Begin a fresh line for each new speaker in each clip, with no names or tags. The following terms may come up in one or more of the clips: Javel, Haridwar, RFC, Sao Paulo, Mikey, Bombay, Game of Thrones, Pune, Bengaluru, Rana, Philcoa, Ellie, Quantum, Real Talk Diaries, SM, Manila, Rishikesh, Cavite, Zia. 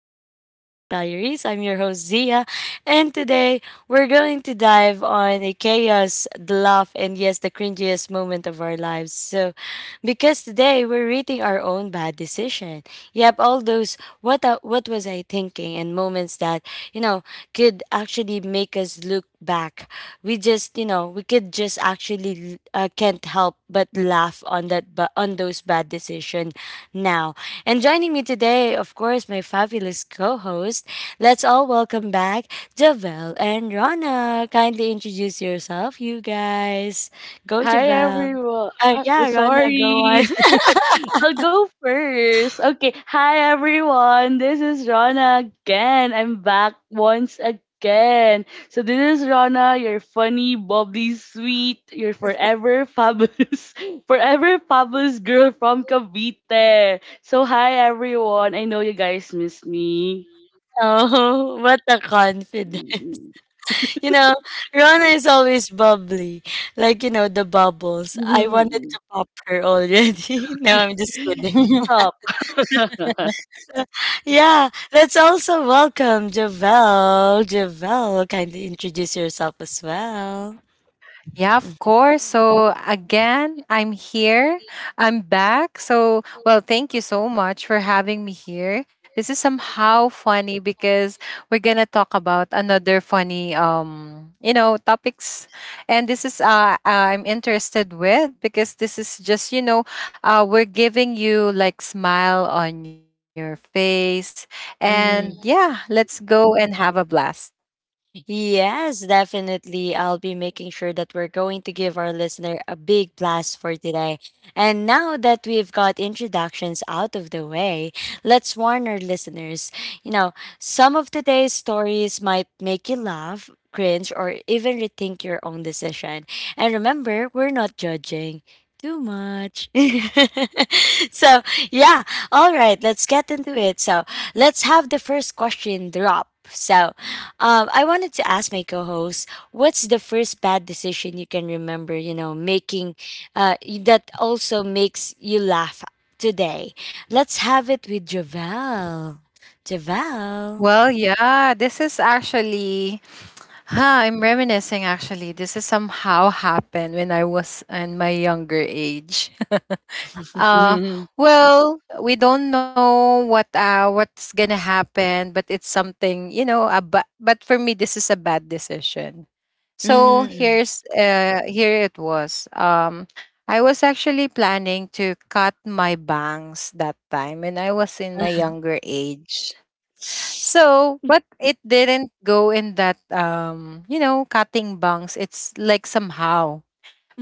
of Real Talk Diaries. I'm your host Zia, and today we're going to dive on the chaos, the laugh, and yes, the cringiest moment of our lives. So, because today we're rating our own bad decision. Yep, all those what was I thinking and moments that you know could actually make us look back. We could just actually can't help but laugh on that but on those bad decision now. And joining me today, of course, my fabulous co-host. Let's all welcome back Javel and Rana. Kindly introduce yourself, you guys. Go
Hi
Javel.
everyone.
Yeah, Rana, go on.
Sorry. I'll go first. Okay. Hi everyone. This is Rana again. I'm back once again. So this is Rana, your funny, bubbly, sweet, your forever fabulous, forever fabulous girl from Cavite. So hi everyone. I know you guys miss me.
Oh, what a confidence. You know, Rona is always bubbly. Like, the bubbles. I wanted to pop her already. No, I'm just kidding.
Stop.
Yeah, let's also welcome Javel. Javel, kindly introduce yourself as well.
Yeah, of course. So again, I'm here. I'm back. Well, thank you so much for having me here. This is somehow funny because we're going to talk about another funny topics. And this is I'm interested with because this is just we're giving you like smile on your face. And yeah,
Mm-hmm.
let's go and have a blast.
Yes, definitely. I'll be making sure that we're going to give our listener a big blast for today. And now that we've got introductions out of the way, let's warn our listeners. You know, some of today's stories might make you laugh, cringe, or even rethink your own decision. And remember, we're not judging too much. So, yeah, all right, let's get into it. So, let's have the first question drop. So, I wanted to ask my co-host, what's the first bad decision you can remember? You know, making, that also makes you laugh today. Let's have it with Javel. Javel.
Well, yeah, this is actually Ha, I'm reminiscing actually. This is somehow happened when I was in my younger age. uh
Mhm.
well, we don't know what what's gonna happen, but it's something, but for me this is a bad decision. So
Mm-hmm.
here's here it was. Um, I was actually planning to cut my bangs that time when I was in my younger age. So, but it didn't go in that cutting bungs. It's like somehow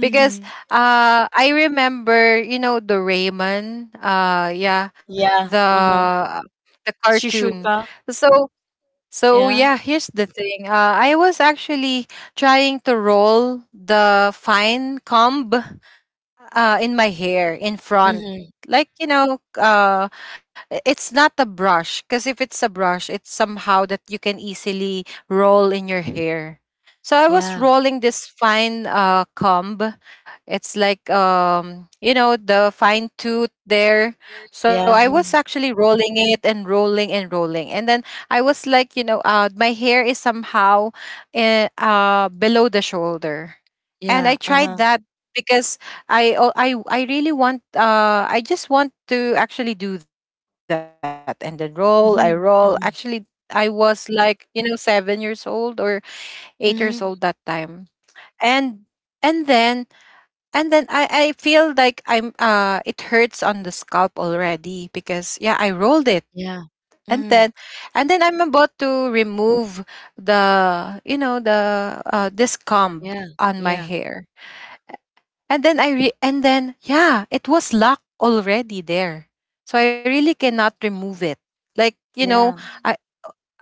because I remember, you know, the Raymond, uh, yeah,
Yeah. Uh-huh.
the the cartoon.
Shishuka.
So so
Yeah.
yeah, here's the thing. I was actually trying to roll the fine comb in my hair in front
Mm-hmm.
like it's not a brush because if it's a brush it's somehow that you can easily roll in your hair, so I was
Yeah.
rolling this fine comb. It's like the fine tooth there. So
Yeah.
I was
Mhm.
actually rolling it and rolling and rolling. And then I was like, you know, my hair is somehow below the shoulder. And I
Yeah.
tried
Uh-huh.
that because I really want I just want to actually do that and then roll, I roll. Actually,
Mm-hmm.
I
Mm-hmm.
was like, you know, 7 years old or 8 years old that
Mm-hmm.
time. And and then and then I feel like I'm it hurts on the scalp already because yeah I rolled it,
Yeah.
and
Mm-hmm.
then and then I'm about to remove the this comb
Yeah.
on my
Yeah.
hair, and then and then yeah it was locked already there, so I really cannot remove it. Like, you know,
Yeah.
I,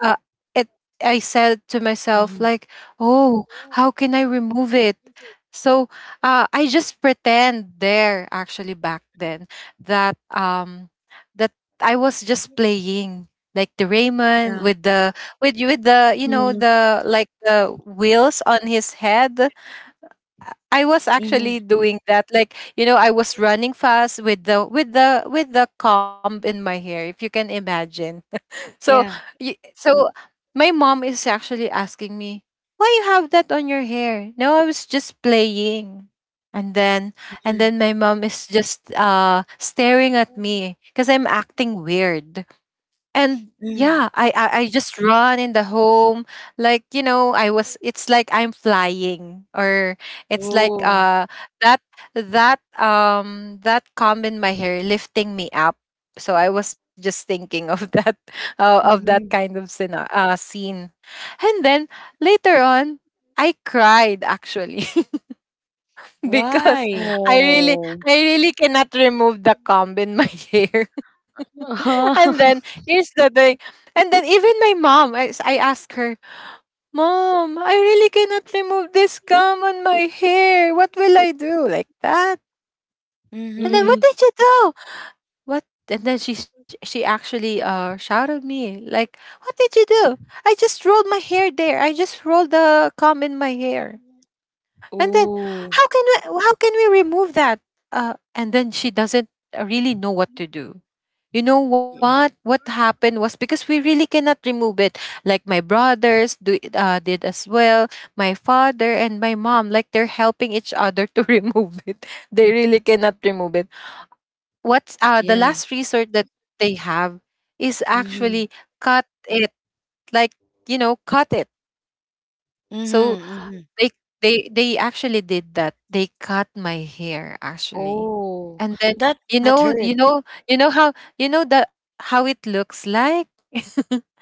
uh, it I said to myself
Mm-hmm.
like, "Oh, how can I remove it?" So I just pretend there actually back then that that I was just playing like the Raymond
Yeah.
with the with the you know
Mhm.
the like the wheels on his head. I was actually
Mm-hmm.
doing that. Like, you know, I was running fast with the with the comb in my hair, if you can imagine. So
Yeah.
so my mom is actually asking me why you have that on your hair, no, I was just playing. And then and
Mm-hmm.
then my mom is just staring at me because I'm acting weird. And
Mhm.
yeah, I just run in the home, like you know I was it's like I'm flying or it's like
Oh.
that that comb in my hair lifting me up. So I was just thinking of that uh, of that
Mhm.
kind of scene uh, scene. And then later on I cried actually. Because
Why?
I really
Oh.
I really cannot remove the comb in my hair. And then here's the thing. And then even my mom, I asked her, Mom, I really cannot remove this gum on my hair. What will I do? Like that. And then
Mhm.
what
Mhm,
did you do? What? And then she actually shouted me like, "What did you do? I just rolled my hair there. I just rolled the comb in my hair." And then,
Oh.
how can we how can we remove that? And then she doesn't really know what to do. You know what? What happened was because we really cannot remove it. Like my brothers do, did as well. My father and my mom, like they're helping each other to remove it. They really cannot remove it. What's the
Yeah.
last resort that they have is actually
Mhm.
cut it. Like, you know, cut it. So
Mhm, mhm.
they they actually did that. They cut my hair actually,
Oh,
and then
that
you
that
know you
hurts.
know you know how you know that how it looks like.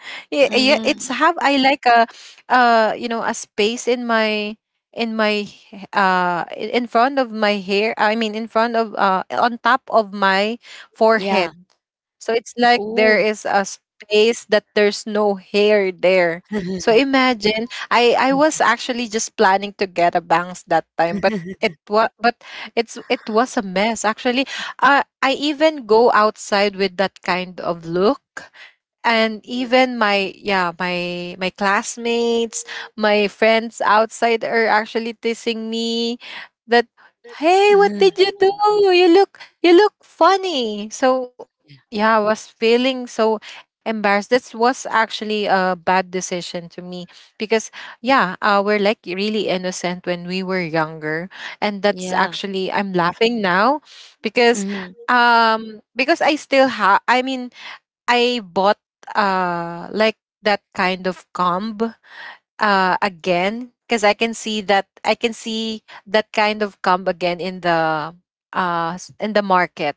Yeah, yeah, it's have
Mhm.
I like a you know a space in my in front of my hair. I mean in front of uh, on top of my
Yeah.
forehead. So it's like there is
Oh.
a space that there's no hair there. So imagine, I was actually just planning to get a bangs that time, but it was but it's it was a mess actually. I even go outside with that kind of look, and even my yeah my classmates, my friends outside are actually teasing me that, hey, what did you do, you look funny. So yeah, I was feeling so embarrassed. This was actually a bad decision to me because yeah, we're like really innocent when we were younger, and that's
Yeah.
actually I'm laughing now because
Mhm.
because I still have I mean I bought like that kind of comb again because I can see that I can see that kind of come again in the in the market,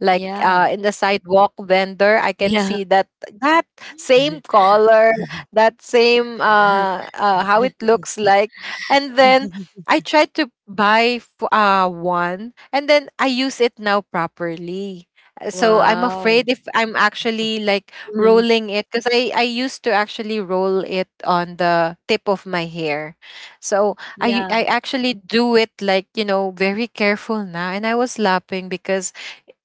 like
Yeah.
in the sidewalk vendor I can
Yeah.
see that, that same color, that same uh, uh how it looks like. And then I tried to buy one and then I use it now properly. So I'm
Wow.
afraid if I'm actually like
mhm.
rolling it because I used to actually roll it on the tip of my hair. So I
Yeah.
actually do it like, you know, very careful now. And I was laughing because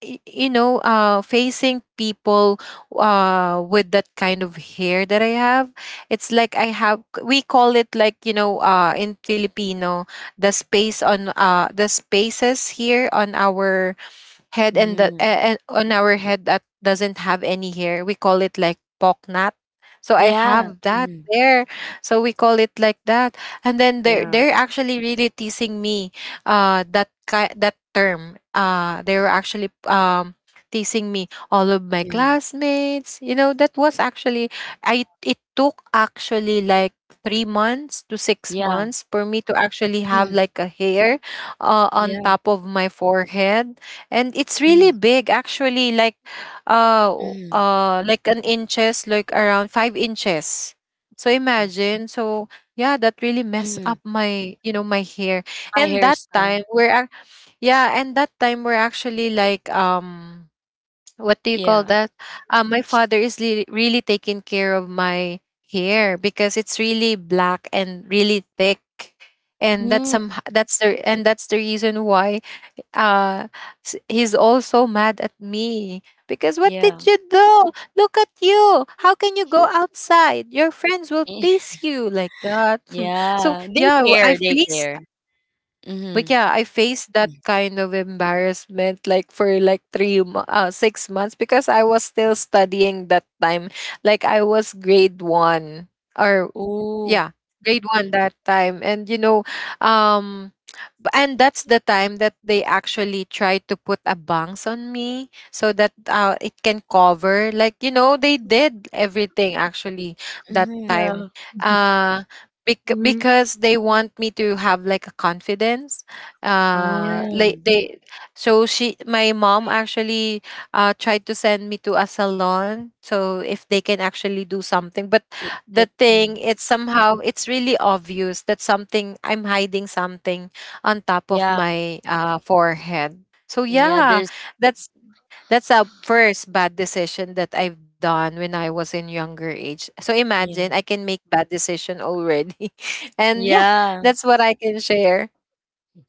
you know, facing people with that kind of hair that I have, it's like I have we call it like, you know, in Filipino, the space on the spaces here on our head and the
Mhm.
on our head that doesn't have any hair. We call it like pocknat. So I
Yeah.
have that
Mhm.
there. So we call it like that. And then they are
Yeah.
they're actually really teasing me that term. Uh, they were actually teasing me all of my
Yeah.
classmates. You know, that was actually I it took actually like 3 months to six
Yeah.
months for me to actually have
Mhm.
like a hair on
Yeah.
top of my forehead, and it's really
Mhm.
big actually uh
Mhm.
like an inches like around 5 inches. So
Yeah.
imagine, so yeah, that really messed up
Mhm.
my you know my hair.
My
And that
hairstyle.
time we're ac- Yeah, and that time we're actually like what do you call
Yeah.
that, my father is really taking care of my hair because it's really black and really thick, and that's
Mm.
some that's the and that's the reason why uh he's also mad at me because what did
Yeah.
you do, look at you, how can you go outside, your friends will
Eh,
tease you like that. So
yeah. They
yeah, I
care, they
face
care.
but
Mhm.
yeah I faced that kind of embarrassment like for like 6 months because I was still studying that time, like I was grade one or
Ooh.
yeah grade one that time, and you know um and that's the time that they actually try to put a bangs on me so that it can cover like you know they did everything actually that
Mhm.
time,
Yeah.
uh
Mhm.
because they want me to have like a confidence,
Yeah.
like
Oh.
they so she my mom actually tried to send me to a salon so if they can actually do something, but
Like
the
that. Mm.
thing it's somehow it's really obvious that something I'm hiding something on top of
Yeah.
my forehead. So
Yeah,
yeah,
there's
that's that's a first bad decision that I've done when I was in younger age. So imagine I
Yeah.
can make bad decision already. And yeah,
Yeah.
that's what I can share.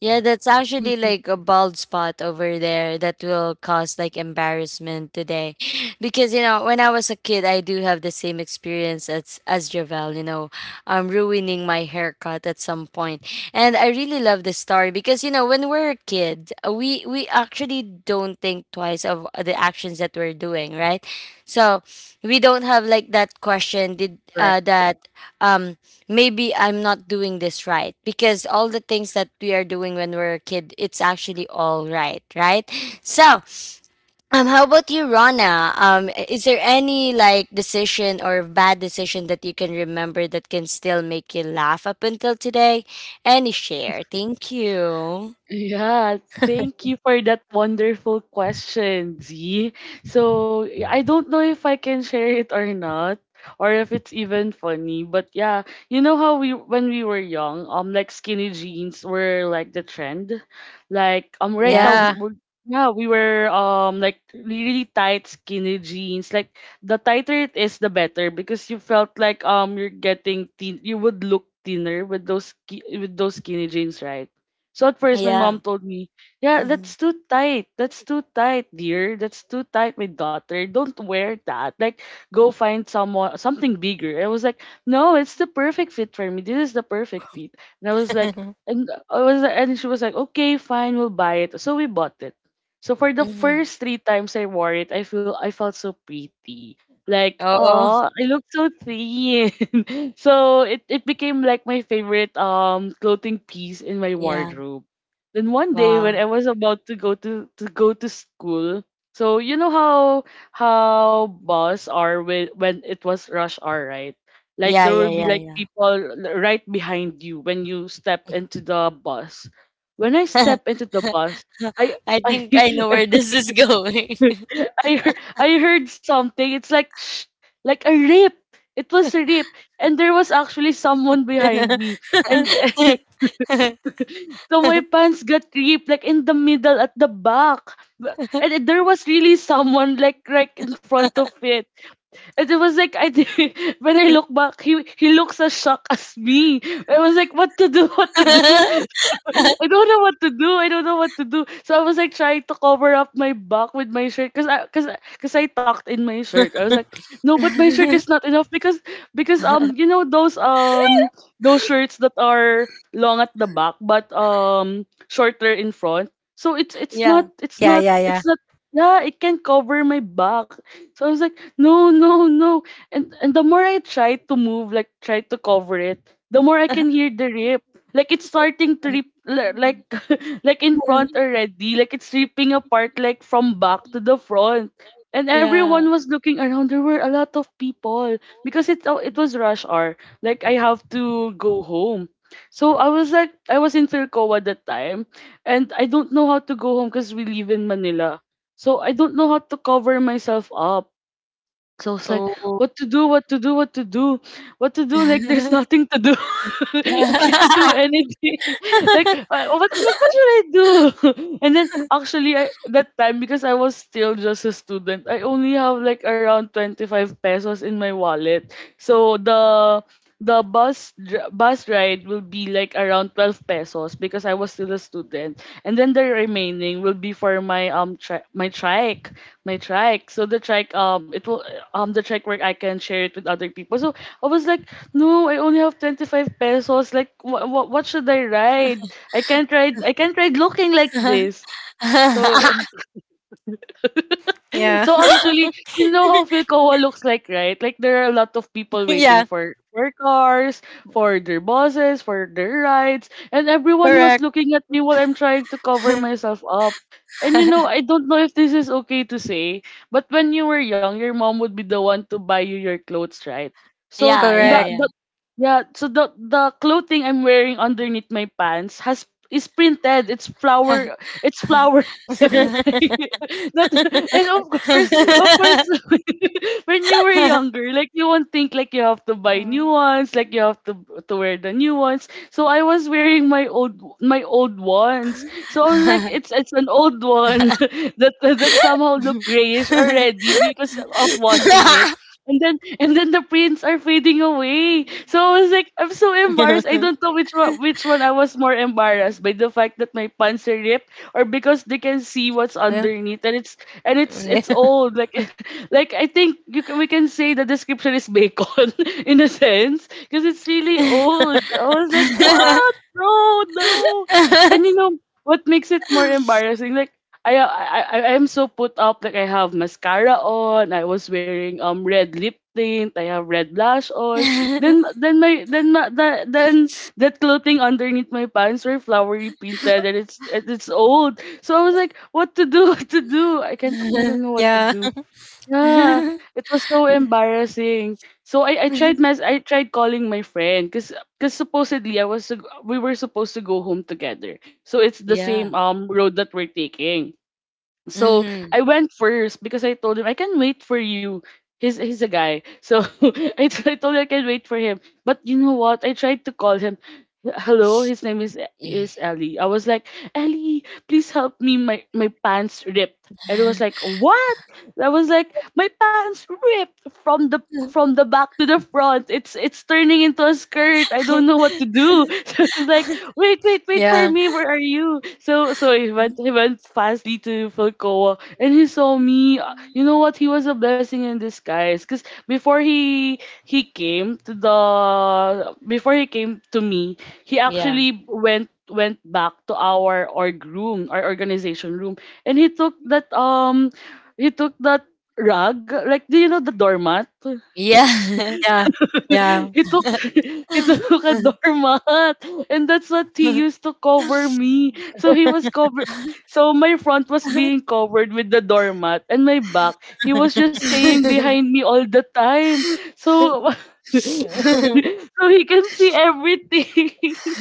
Yeah, that's actually like a bald spot over there that will cause like embarrassment today. Because you know, when I was a kid, I do have the same experience as Javel, ruining my haircut at some point. And I really love this story because when we're a kid, we actually don't think twice of the actions that we're doing, right? So, we don't have like that question did
Correct.
that um maybe I'm not doing this right because all the things that we are doing when we're a kid, it's actually all right, right? So, how about you, Rona? Is there any like decision or bad decision that you can remember that can still make you laugh up until today? Any share? Thank you.
Yeah, thank you for that wonderful question, Z. So, I don't know if I can share it or not, or if it's even funny, but yeah, you know how we when we were young, like skinny jeans were like the trend. Like, right now
Yeah,
we
Yeah.
were yeah, we were like really tight skinny jeans. Like the tighter it is, the better because you felt like you're getting thin. You would look thinner with those skinny jeans, right? So at first, my
yeah.
mom told me, "Yeah,
Hmm,
that's too tight. That's too tight, dear. That's too tight, my daughter. Don't wear that. Like, go find someone something bigger." I was like, "No, it's the perfect fit for me. This is the perfect fit." And I was like, and she was like, "Okay, fine, we'll buy it." So we bought it. So for the
hmm.
first three times I wore it, I felt so pretty. Like,
Oh,
oh, I look so thin. So it became like my favorite clothing piece in my
yeah.
wardrobe. Then one day when
Wow.
I was about to go to school, so you know how bus are when it was rush hour, right? Like
Yeah,
there
yeah,
will be
yeah,
like
yeah.
people right behind you when you step into the bus. When I step into the bus, I
I
I
think I know where this is going.
I heard something. It's like "Shh," like a rip. It was a rip, and there was actually someone behind me, and so my pants got ripped like in the middle at the back, and there was really someone like right in front of it. And it was like I did, when I look back, he looks as shocked as me. I was like, what to do? What to do? I don't know what to do. I don't know what to do. So I was like trying to cover up my back with my shirt because I tucked in my shirt. I was like, no, but my shirt is not enough because those shirts that are long at the back but shorter in front. So it's it's not
Yeah.
Yeah,
it's
yeah,
not
yeah.
it's not yeah, it can cover my back. So I was like, no, no, no. And the more I try to move, like try to cover it, the more I can hear the rip. Like it's starting to rip, li- like like in front already. Like it's ripping apart, like from back to the front. And
Yeah.
everyone was looking around. There were a lot of people because it was rush hour. Like I have to go home. So I was in Philcoa at that time, and I don't know how to go home because we live in Manila. So I don't know how to cover myself up, so it's like,
Oh.
what to do, what to do, what to do, what to do. Like there's nothing to do. I can't do anything. Like what, what should I do? And then actually, that time, because I was still just a student, I only have like around 25 pesos in my wallet. So the bus ride will be like around 12 pesos because I was still a student. And then the remaining will be for my trike. So the trike where I can share it with other people. So I was like, "No, I only have 25 pesos. Like what should I ride?" I can't ride looking like this. So so
Yeah.
actually, you know how Philcoa looks like, right? Like there are a lot of people
Yeah.
waiting for cars, for their buses, for their rides, and everyone was
Correct.
looking at me while I'm trying to cover myself up. And I don't know if this is okay to say, but when you were young, your mom would be the one to buy you your clothes, right? So
Yeah, yeah,
the,
Correct.
yeah.
the yeah, so the clothing I'm wearing underneath my pants has is printed. It's flowers. Like, not and of course when you were younger like you won't think like you have to buy new
Mm.
ones, like you have to wear the new ones, so I was wearing my old ones, so I was like it's an old one that somehow look grayish already because of washing it, and then the prints are fading away. So I was like, I'm so
Well,
embarrassed. I don't know which one I was more embarrassed by, the fact that my pants are ripped or because they can see what's underneath, and it's old, like like I think you can, we can say the description is bacon in a sense because it's really old. I was like, what? No, no. And you know what makes it more embarrassing? Like I am so put up. Like I have mascara on. I was wearing red lip tint. I have red blush on. Then that clothing underneath my pants were flowery painted, and it's old. So I was like, what to do? What to do? I don't know what to do.
yeah.
Yeah, it was so embarrassing. So I tried calling my friend because supposedly we were supposed to go home together. So it's the same
Yeah.
road that we're taking. So
Mhm.
I went first because I told him I can wait for you. He's a guy. So I told him I can wait for him. But you know what? I tried to call him. Hello, his name is Ellie. I was like, Ellie, please help me. My pants ripped. And it was like, what? I was like, my pants ripped from the from the back to the front. It's turning into a skirt. I don't know what to do. So I was like, wait, wait, wait for me.
Yeah.
Where are you? So, he went fastly to Falcoa, and he saw me. You know what? He was a blessing in disguise. Cause before he came before he came to me, he
Yeah.
actually went back to our org room, our organization room, and he took that rug. Like, do you know the doormat?
Yeah.
Yeah.
He
Yeah.
took he took a doormat, and that's what he used to cover me. So he was cover so my front was being covered with the doormat, and my back, he was just staying behind me all the time. So so he can see everything.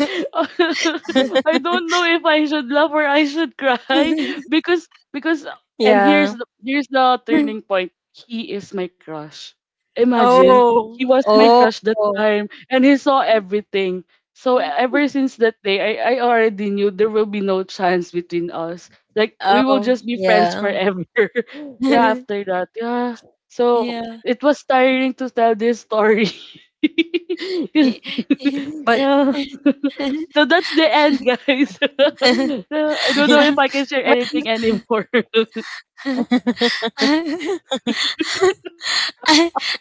I don't know if I should laugh or I should cry because and here's the,
Yeah.
here's the turning point. He is my crush. Imagine, he
Oh.
was my
Oh,
crush that time, and he saw everything. So ever since that day, I already knew there will be no chance between us. Like we will
Oh.
just be friends forever.
yeah.
Yeah, after that, yeah. So
Yeah.
it was tiring to tell this story.
I
But
Yeah. So that's the end, guys. I don't know if I can share anything
but
anymore.
I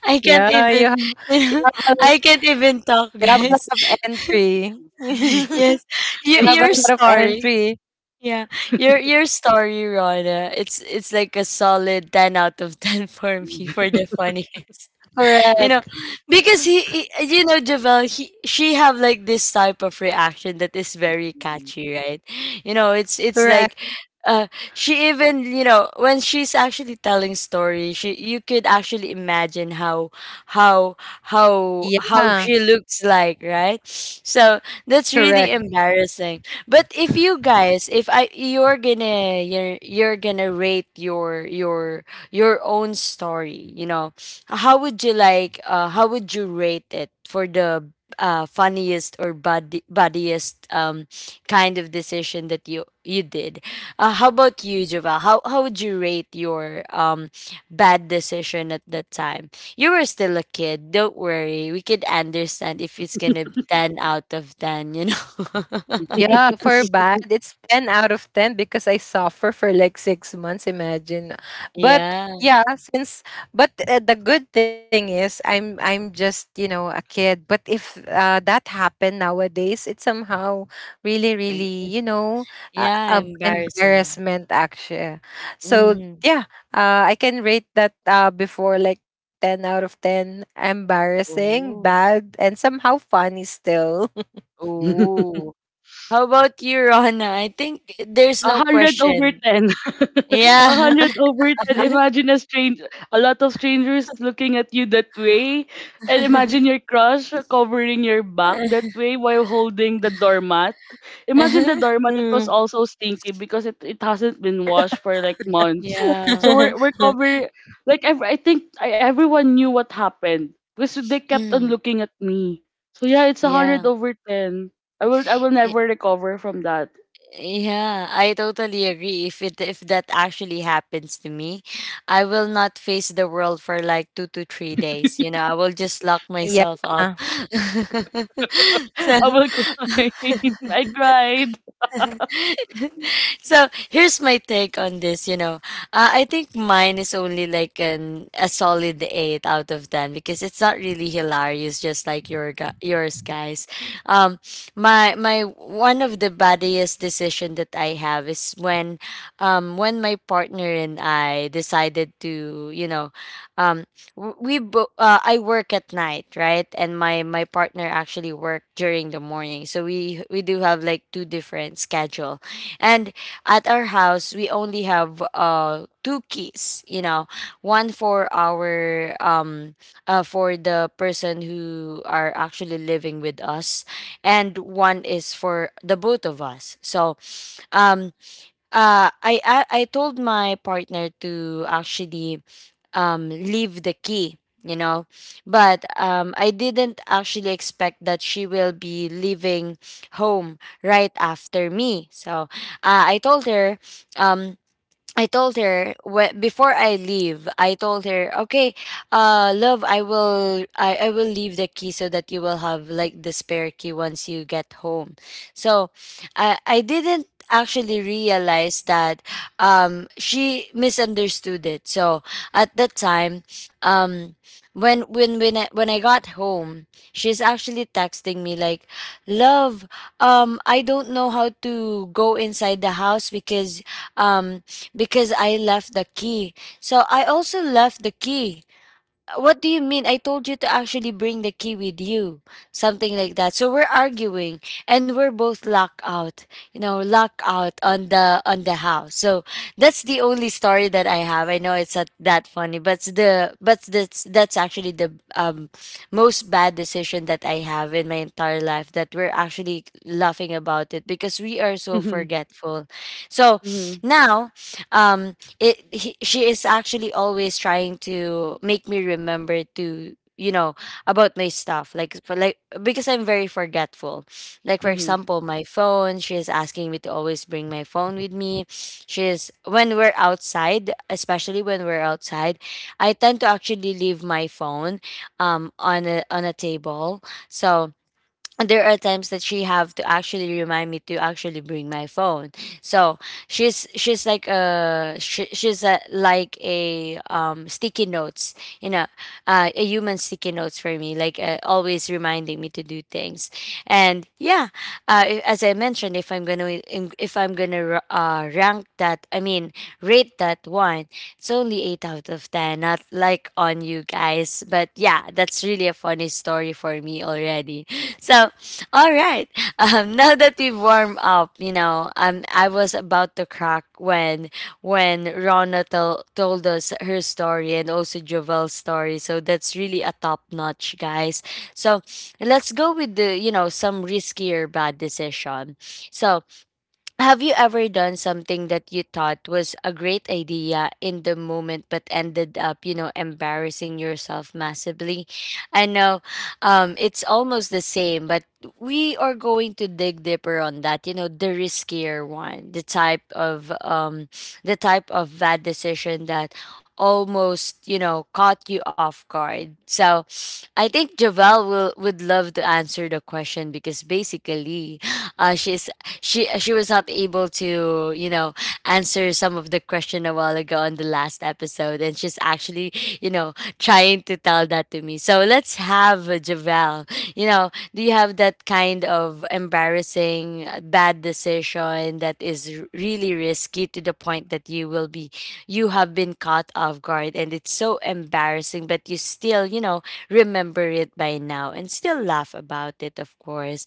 I can't
yeah,
even
you have a,
I can't even talk,
you have a
guys.
lot of entry.
Yes. Your
You
your
have a lot of
story.
entry.
Yeah. Your story, Rona. It's like a solid 10 out of 10 for me for the funniest. you know
Correct.
because Javel, he she have like this type of reaction that is very catchy, right? It's like
Correct.
she, even when she's actually telling story, she you could actually imagine how how
Yeah.
she looks like, right? So that's really
Correct.
embarrassing, but if you guys if I you're gonna rate your own story. How would you like? How would you rate it for the funniest or bad buddiest kind of decision that you did? How about you, Javal? How would you rate your bad decision at that time? You were still a kid. Don't worry, we could understand if it's gonna be 10 out of 10. You know.
Yeah, for bad, it's 10 out of 10 because I suffer for like 6 months, imagine. But
Yeah.
yeah, since but the good thing is I'm just, you know, a kid. But if that happened nowadays, it's somehow
Eh.
really, you know,
Yeah, embarrassing.
embarrassment actually. So
Mm-hmm.
yeah, I can rate that before like 10 out of 10 embarrassing,
Oh.
bad, and somehow funny still.
Oh. How about you, Rona? I think there's
A
no
hundred over
question.
ten. A
Yeah.
hundred over ten. Imagine a lot of strangers looking at you that way, and imagine your crush covering your back that way while holding the doormat. Imagine the doormat. It was
Mm.
also stinky because it hasn't been washed for like months.
Yeah.
So we're cover like ev- I think I, everyone knew what happened because they kept on
Mm,
looking at me. So yeah, it's a
yeah.
hundred over ten. I will
Y-
never recover from that.
Yeah, I totally agree. If that actually happens to me, I will not face the world for like 2 to 3 days. You know, I will just
Yeah.
lock myself up. So
I will cry. I cried.
so here's my take on this. I think mine is only like an a solid 8 out of 10 because it's not really hilarious just like your yours guys. um my one of the baddest decision that I have is when when my partner and I decided to um I work at night, right? And my partner actually work during the morning, so we do have like two different schedule. And at our house we only have two keys. One for our for the person who are actually living with us, and one is for the both of us. So um I told my partner to actually leave the key, you know. But I didn't actually expect that she will be leaving home right after me. So uh, I told her um I told her wh- before I leave, I told her, okay, love, I will, I will leave the key so that you will have like the spare key once you get home. So, I didn't actually realize that, she misunderstood it. So at that time, um, when I got home, she's actually texting me like, love, I don't know how to go inside the house um because I left the key. So I also left the key. What do you mean? I told you to actually bring the key with you. Something like that. So we're arguing and we're both locked out. You know, locked out on the house. So that's the only story that I have. I know it's not that funny, but it's the but that's actually the most bad decision that I have in my entire life that we're actually laughing about it because we are so
Mhm,
forgetful. So
mhm,
now um she is actually always trying to make me remember to about my stuff. Like, for like, because I'm very forgetful. Like, for
mhm,
example, my phone. She is asking me to always bring my phone with me. She's when we're outside, especially when we're outside, I tend to actually leave my phone on a table. So, and there are times that she have to actually remind me to actually bring my phone. So she's like a sticky notes. you know a human sticky notes for me. Like, always reminding me to do things. And yeah, as I mentioned, if I'm gonna rank that, I mean rate that one, it's only 8 out of 10, not like on you guys, but yeah, that's really a funny story for me already. So, all right. Now that we've warmed up, I was about to crack when Rona told us her story, and also Jovel's story. So that's really a top notch, guys. So let's go with the, some riskier bad decision. So, have you ever done something that you thought was a great idea in the moment but ended up, embarrassing yourself massively? I know, it's almost the same, but we are going to dig deeper on that, you know, the riskier one, the type of bad decision that almost, caught you off guard. So I think Javel will would love to answer the question because basically uh, she's she was not able to answer some of the question a while ago on the last episode, and she's actually you know trying to tell that to me. So let's have Javel. Do you have that kind of embarrassing bad decision that is really risky to the point that you will be you have been caught off guard and it's so embarrassing, but you still remember it by now and still laugh about it, of course.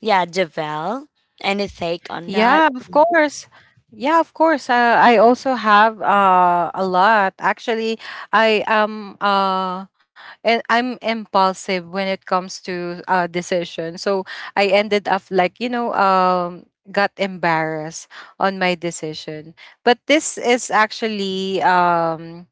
Yeah, Javel. Any take on
Yeah, of
that?
course. Yeah, of course. I also have a lot. Actually, I am and I'm impulsive when it comes to decision. So I ended up like got embarrassed on my decision. But this is actually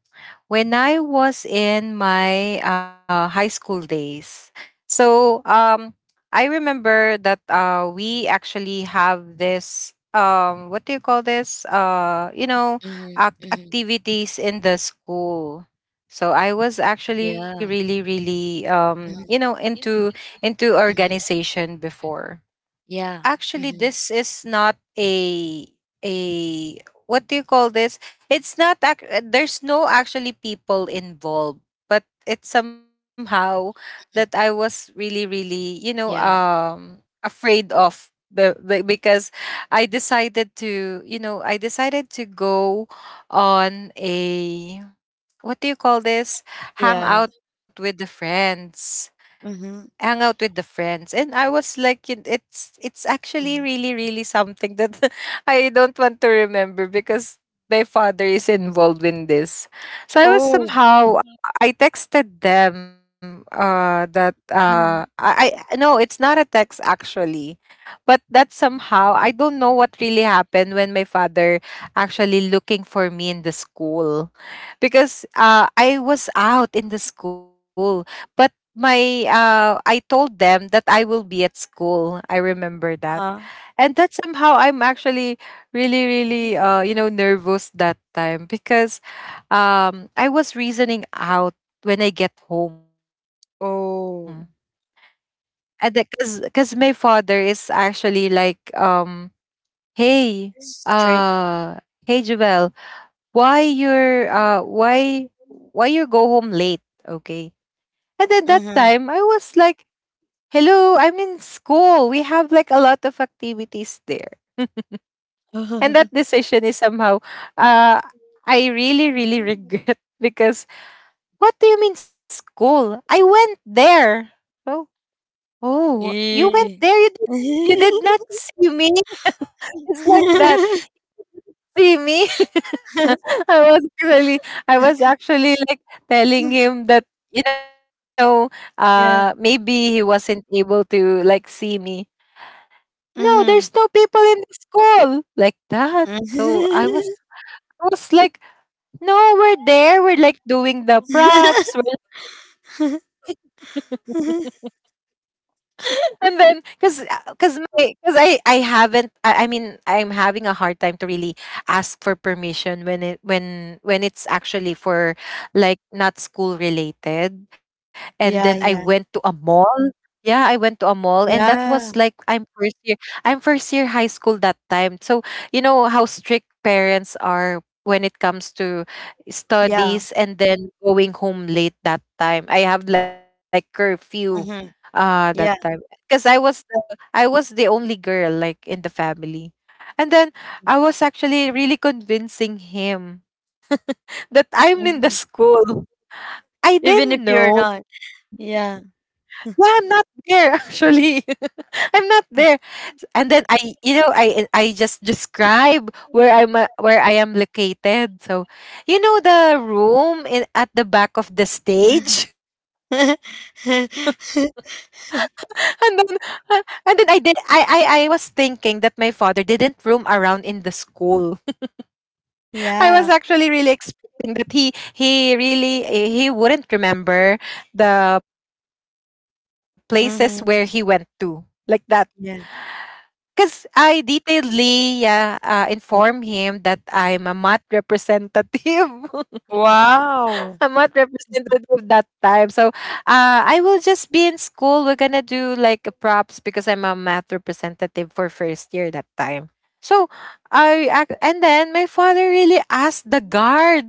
when I was in my high school days. So I remember that we actually have this. What do you call this? Uh, you know,
Mhm,
ac-
mhm,
activities in the school. So I was actually really,
yeah,
really,
mhm,
into organization before.
yeah,
Actually
mhm,
this is not a a what do you call this, it's not there's no actually people involved, but it's somehow that I was really really
yeah.
afraid of, because I decided to go on a, what do you call this, hang
Yeah.
out with the friends, hang
Mhm.
out with the friends, and I was like, it's actually
Mhm.
really really something that I don't want to remember because my father is involved in this, so I was
Oh.
somehow, I texted them that, uh
Mhm.
i, I no, it's not a text actually, but that somehow I don't know what really happened when my father actually looking for me in the school, because I was out in the school, but my I told them that I will be at school, I remember that,
Uh-huh.
and that somehow I'm actually really really nervous that time because, I was reasoning out when I get home,
Oh.
and because my father is actually like, Hey, uh,
Strict.
hey Javel, why you go home late? Okay. And at that
Mhm.
time I was like, "Hello, I'm in school. We have like a lot of activities there." And that decision is somehow, uh I really really regret, because what do you mean school? I went there. Oh, oh, you went there.
Eh.
You did not see me. It's like that. See me? I was really, I was actually like telling him that, you know, maybe
Yeah.
he wasn't able to like see me. No, there's no
Mhm.
people in the school like that. So I was,
Mhm.
I was like, no, we're there. We're like doing the props. We're And then because I haven't I mean I'm having a hard time to really ask for permission when it's actually for, like, not school related, and then I
Yeah,
went to
yeah.
a mall, yeah, I went to a mall, and that was like,
Yeah.
I'm first year high school that time, so you know how strict parents are when it comes to
Yeah.
studies, and then going home late that time I have like curfew,
Mhm.
that time,
Yeah.
because I was the only girl like in the family. And then I was actually really convincing him that I'm in the
Mhm.
school. I
Even if
didn't
you're
know.
not. Yeah.
Yeah, I'm not there actually. I'm not there. And then I just describe where I am located. So, the room in at the back of the stage. and then uh, and then I did I was thinking that my father didn't roam around in the school. I was actually
Yeah.
really expecting that he really eh, he wouldn't remember the places where he went to, like
Mhm.
that.
Yeah.
Because I detailedly, yeah, inform him that I'm a math representative. I'm
Wow.
not representative that time. So I will just be in school. We're gonna do like a props because I'm a math representative for first year that time. So and then my father really asked the guard,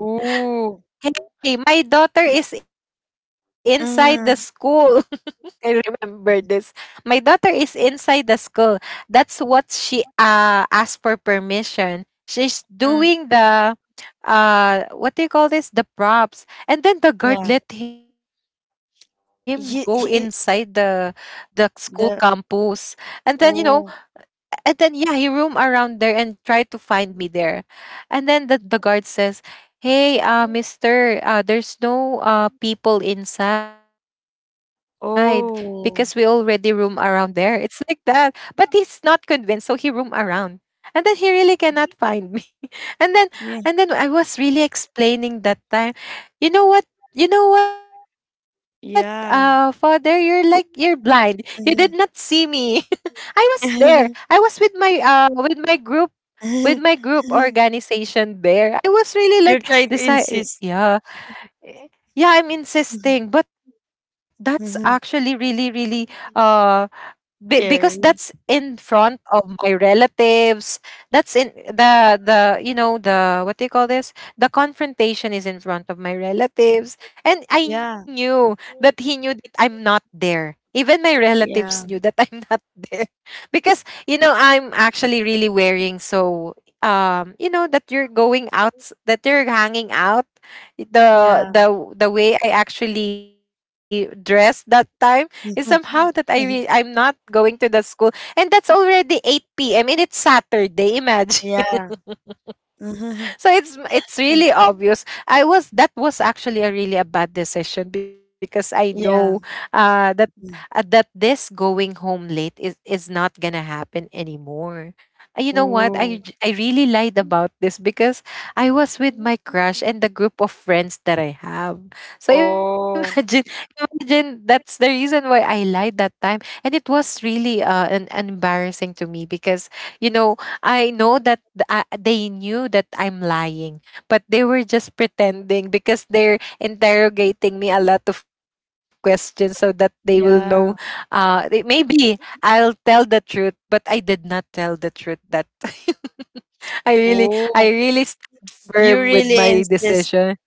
Ooh.
"Hey, my daughter is inside the school."
Mhm.
I remember this. My daughter is inside the school. That's what she asked for permission. She's doing
Mm.
the, what do you call this, the props, and then the guard let
Yeah.
him go inside the the
He
school campus, and
the
then you know
Oh.
and then yeah, he roam around there and try to find me there, and then the guard says, hey, mister, there's no people inside, because we already roam around there,
Oh.
it's like that, but he's not convinced, so he roam around, and then he really cannot find me. And then and then I
Yeah.
was really explaining that time, you know what? You know what, father, you're
Yeah.
blind. You did not see me.
Mhm.
I was there. I was with my group organization there. I was really like
You're
this,
trying
I,
to
yeah.
insist.
eh, Yeah, I'm insisting,
Mhm.
but that's actually really really, uh because that's in
Scary.
front of my relatives, that's in the what do you call this, the confrontation, is in front of my relatives, and I knew
Yeah.
that he knew that I'm not there, even my relatives knew that
Yeah.
I'm not there, because I'm actually really wearing, so you know that you're going out, that you're hanging out, the
Yeah.
the the way I actually dressed that time is somehow that I'm not going to the school, and that's already eight p.m. and it's Saturday. Imagine.
Yeah.
So
Mhm.
it's really obvious. I was that was actually a really a bad decision, because I know,
Yeah.
uh, that
Mm.
that this going home late is not gonna happen anymore. You know what?
Ooh.
I really lied about this because I was with my crush and the group of friends that I have. So,
Oh.
imagine that's the reason why I lied that time, and it was really, an embarrassing to me because I know that they knew that I'm lying, but they were just pretending because they're interrogating me a lot of questions so that they will know.
Yeah.
Maybe I'll tell the truth, but I did not tell the truth that time. I really, I
Oh.
really stood
You
firm with
really
my
insist.
decision.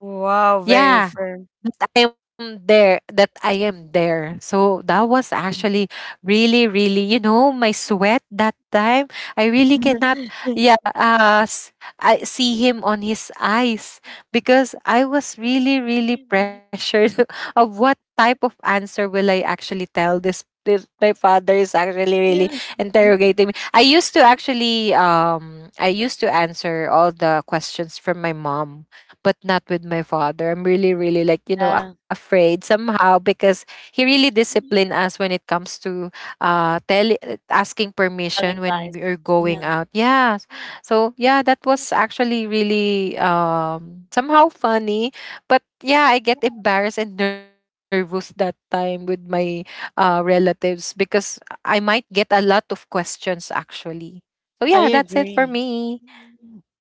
Wow, very
Yeah,
firm.
that I am there, that I am there. So that was actually really, really, my sweat that time. I really cannot, yeah, I see him on his eyes, because I was really, really pressured of what type of answer will I actually tell this. This, my father is actually really
Yeah.
interrogating me. I used to answer all the questions from my mom, but not with my father. I'm really, really like,
Yeah,
afraid somehow because he really disciplined us when it comes to, tell asking permission
telling
when
lies.
you're going
Yeah,
out. Yeah. So yeah, that was actually really somehow funny. But yeah, I get embarrassed and nervous that time with my relatives because I might get a lot of questions actually. So yeah,
I
that's it for
agree.
me.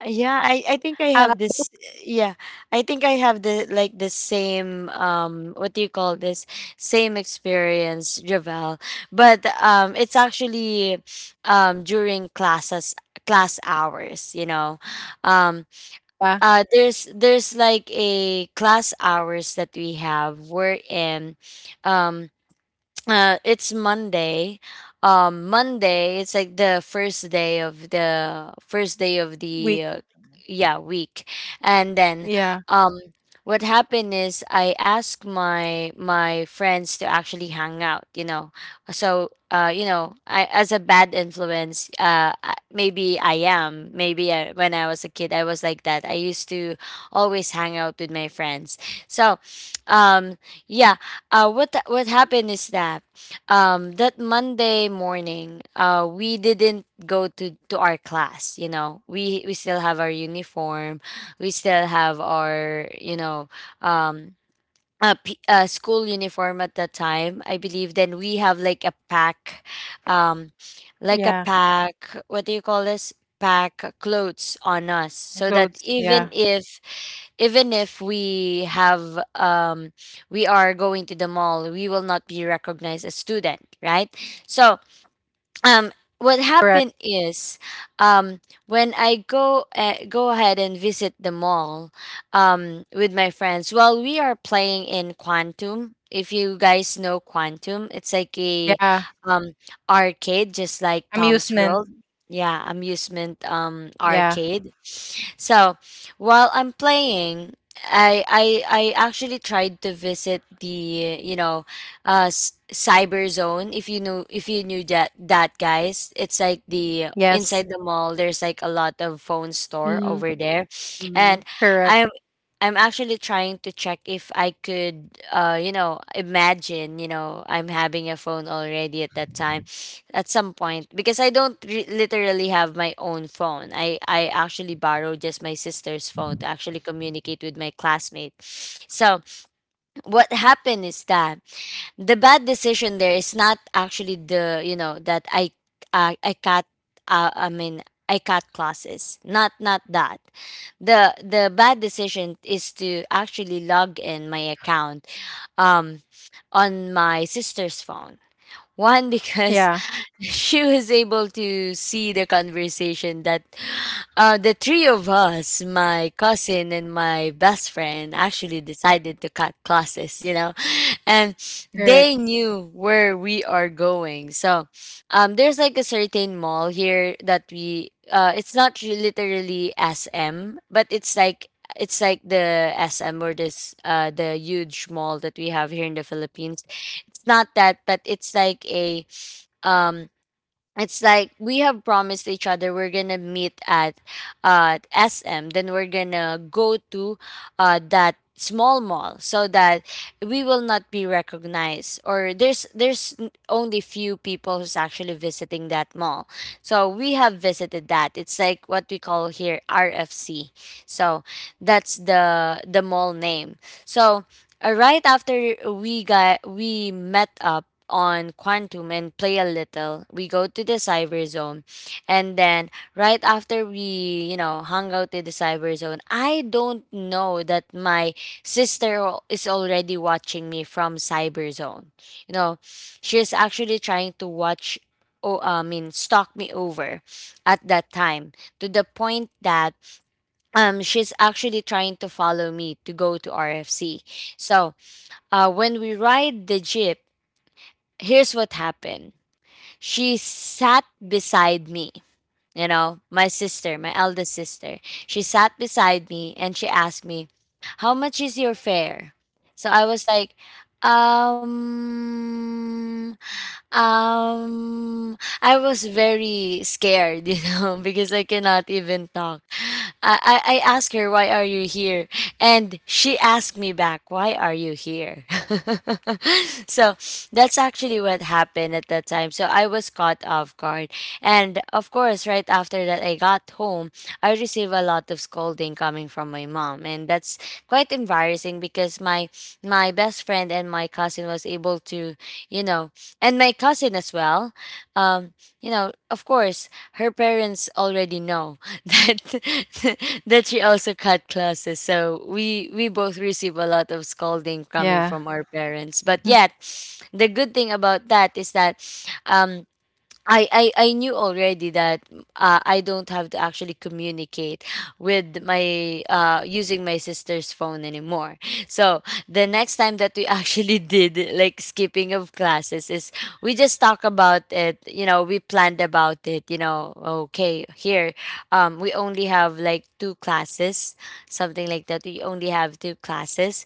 Yeah, I
How
think
about
I have yeah, I think I have the like the same what do you call this, same experience, Javel. But it's actually during class hours, you know. Um
uh,
there's like a class hours that we have. Um it's Monday. Monday, it's like the first day of
we.
the yeah, week. And then
Yeah.
um what happened is, I asked my friends to actually hang out, you know. So you know, I, as a bad influence, maybe I am, maybe I, when I was a kid, I was like that. I used to always hang out with my friends. So um yeah, what happened is that, that Monday morning, we didn't go to, our class. You know, we still have our uniform. We still have our, you know, um, a school uniform at that time, I believe. Then we have like a pack, um
Yeah.
like a pack, what do you call this, pack clothes on us, so that
Clothes, yeah.
even if we have, we are going to the mall, we will not be recognized as student, right? So um
Correct.
what happened is, um when I go ahead and visit the mall, with my friends. Well, we are playing in Quantum. If you guys know Quantum, it's
Yeah.
like a, um arcade, just like
Amusement.
Tom's World. Yeah, amusement,
Yeah.
arcade. So while I'm playing, I actually tried to visit the, you know, cyber zone. If you know, if you knew that, that guys, it's like the
Yes.
inside the mall, there's like a lot of phone store
mhm,
over there. And
mhm.
Correct.
i'm I'm actually trying to check if I could, you know, imagine, you know, I'm having a phone already at that time, at some point, because I don't literally have my own phone. I actually borrowed just my sister's phone to actually communicate with my classmate. So what happened is that, the bad decision there is not actually the, you know, that I cut, I mean, I cut classes. Not that, the bad decision is to actually log in my account um on my sister's phone. One,
Yeah.
because she was able to see the conversation that, the three of us, my cousin and my best friend, actually decided to cut classes, you know. And
Correct.
they knew where we are going. So, there's like a certain mall here that we, it's not literally SM, but it's like, the SM, or this, the huge mall that we have here in the Philippines. It's not that, but it's like a, um it's like we have promised each other we're gonna meet at SM, then we're gonna go to that small mall, so that we will not be recognized, or there's, only few people who's actually visiting that mall. So we have visited that. It's like what we call here, RFC. So that's the, mall name. So, right after we got we met up on Quantum and play a little. We go to the cyber zone. And then right after we, you know, hung out in the cyber zone, I don't know that my sister is already watching me from cyber zone. You know, she's actually trying to watch oh, I mean, stalk me over at that time, to the point that she's actually trying to follow me to go to RFC. So, when we ride the jeep, here's what happened. She sat beside me, you know, my sister, my eldest sister. She sat beside me and she asked me, how much is your fare. So I was like, um I was very scared, you know, because I cannot even talk. I asked her, why are you here? And she asked me back, why are you here? So that's actually what happened at that time. So I was caught off guard. And of course, right after that, I got home, I received a lot of scolding coming from my mom. And that's quite embarrassing because my best friend and my cousin was able to, you know, and my cousin as well, um you know, of course her parents already know that that she also cut classes. So we both receive a lot of scolding coming
Yeah.
from our parents. But yet, the good thing about that is that, um I knew already that, I don't have to actually communicate with my using my sister's phone anymore. So the next time that we actually did like skipping of classes is, we just talk about it. You know, we planned about it. You know, okay, here, we only have like two classes, something like that. We only have two classes,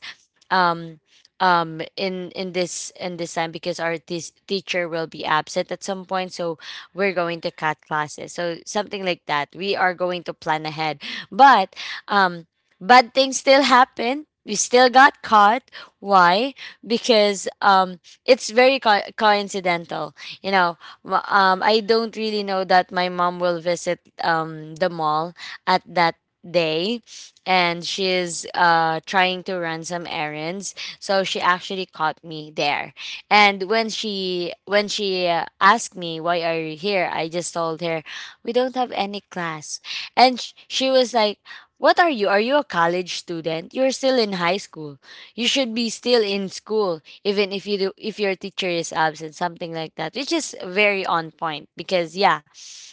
um in this time because our teacher will be absent at some point, so we're going to cut classes, so something like that. We are going to plan ahead. But um bad things still happen. We still got caught. Why? Because it's very coincidental, you know. I don't really know that my mom will visit the mall at that day, and she's trying to run some errands. So she actually caught me there. And when she asked me, why are you here, I just told her, we don't have any class. And she was like, what are you, are you a college student? You're still in high school. You should be still in school even if you do, if your teacher is absent, something like that. Which is very on point, because yeah,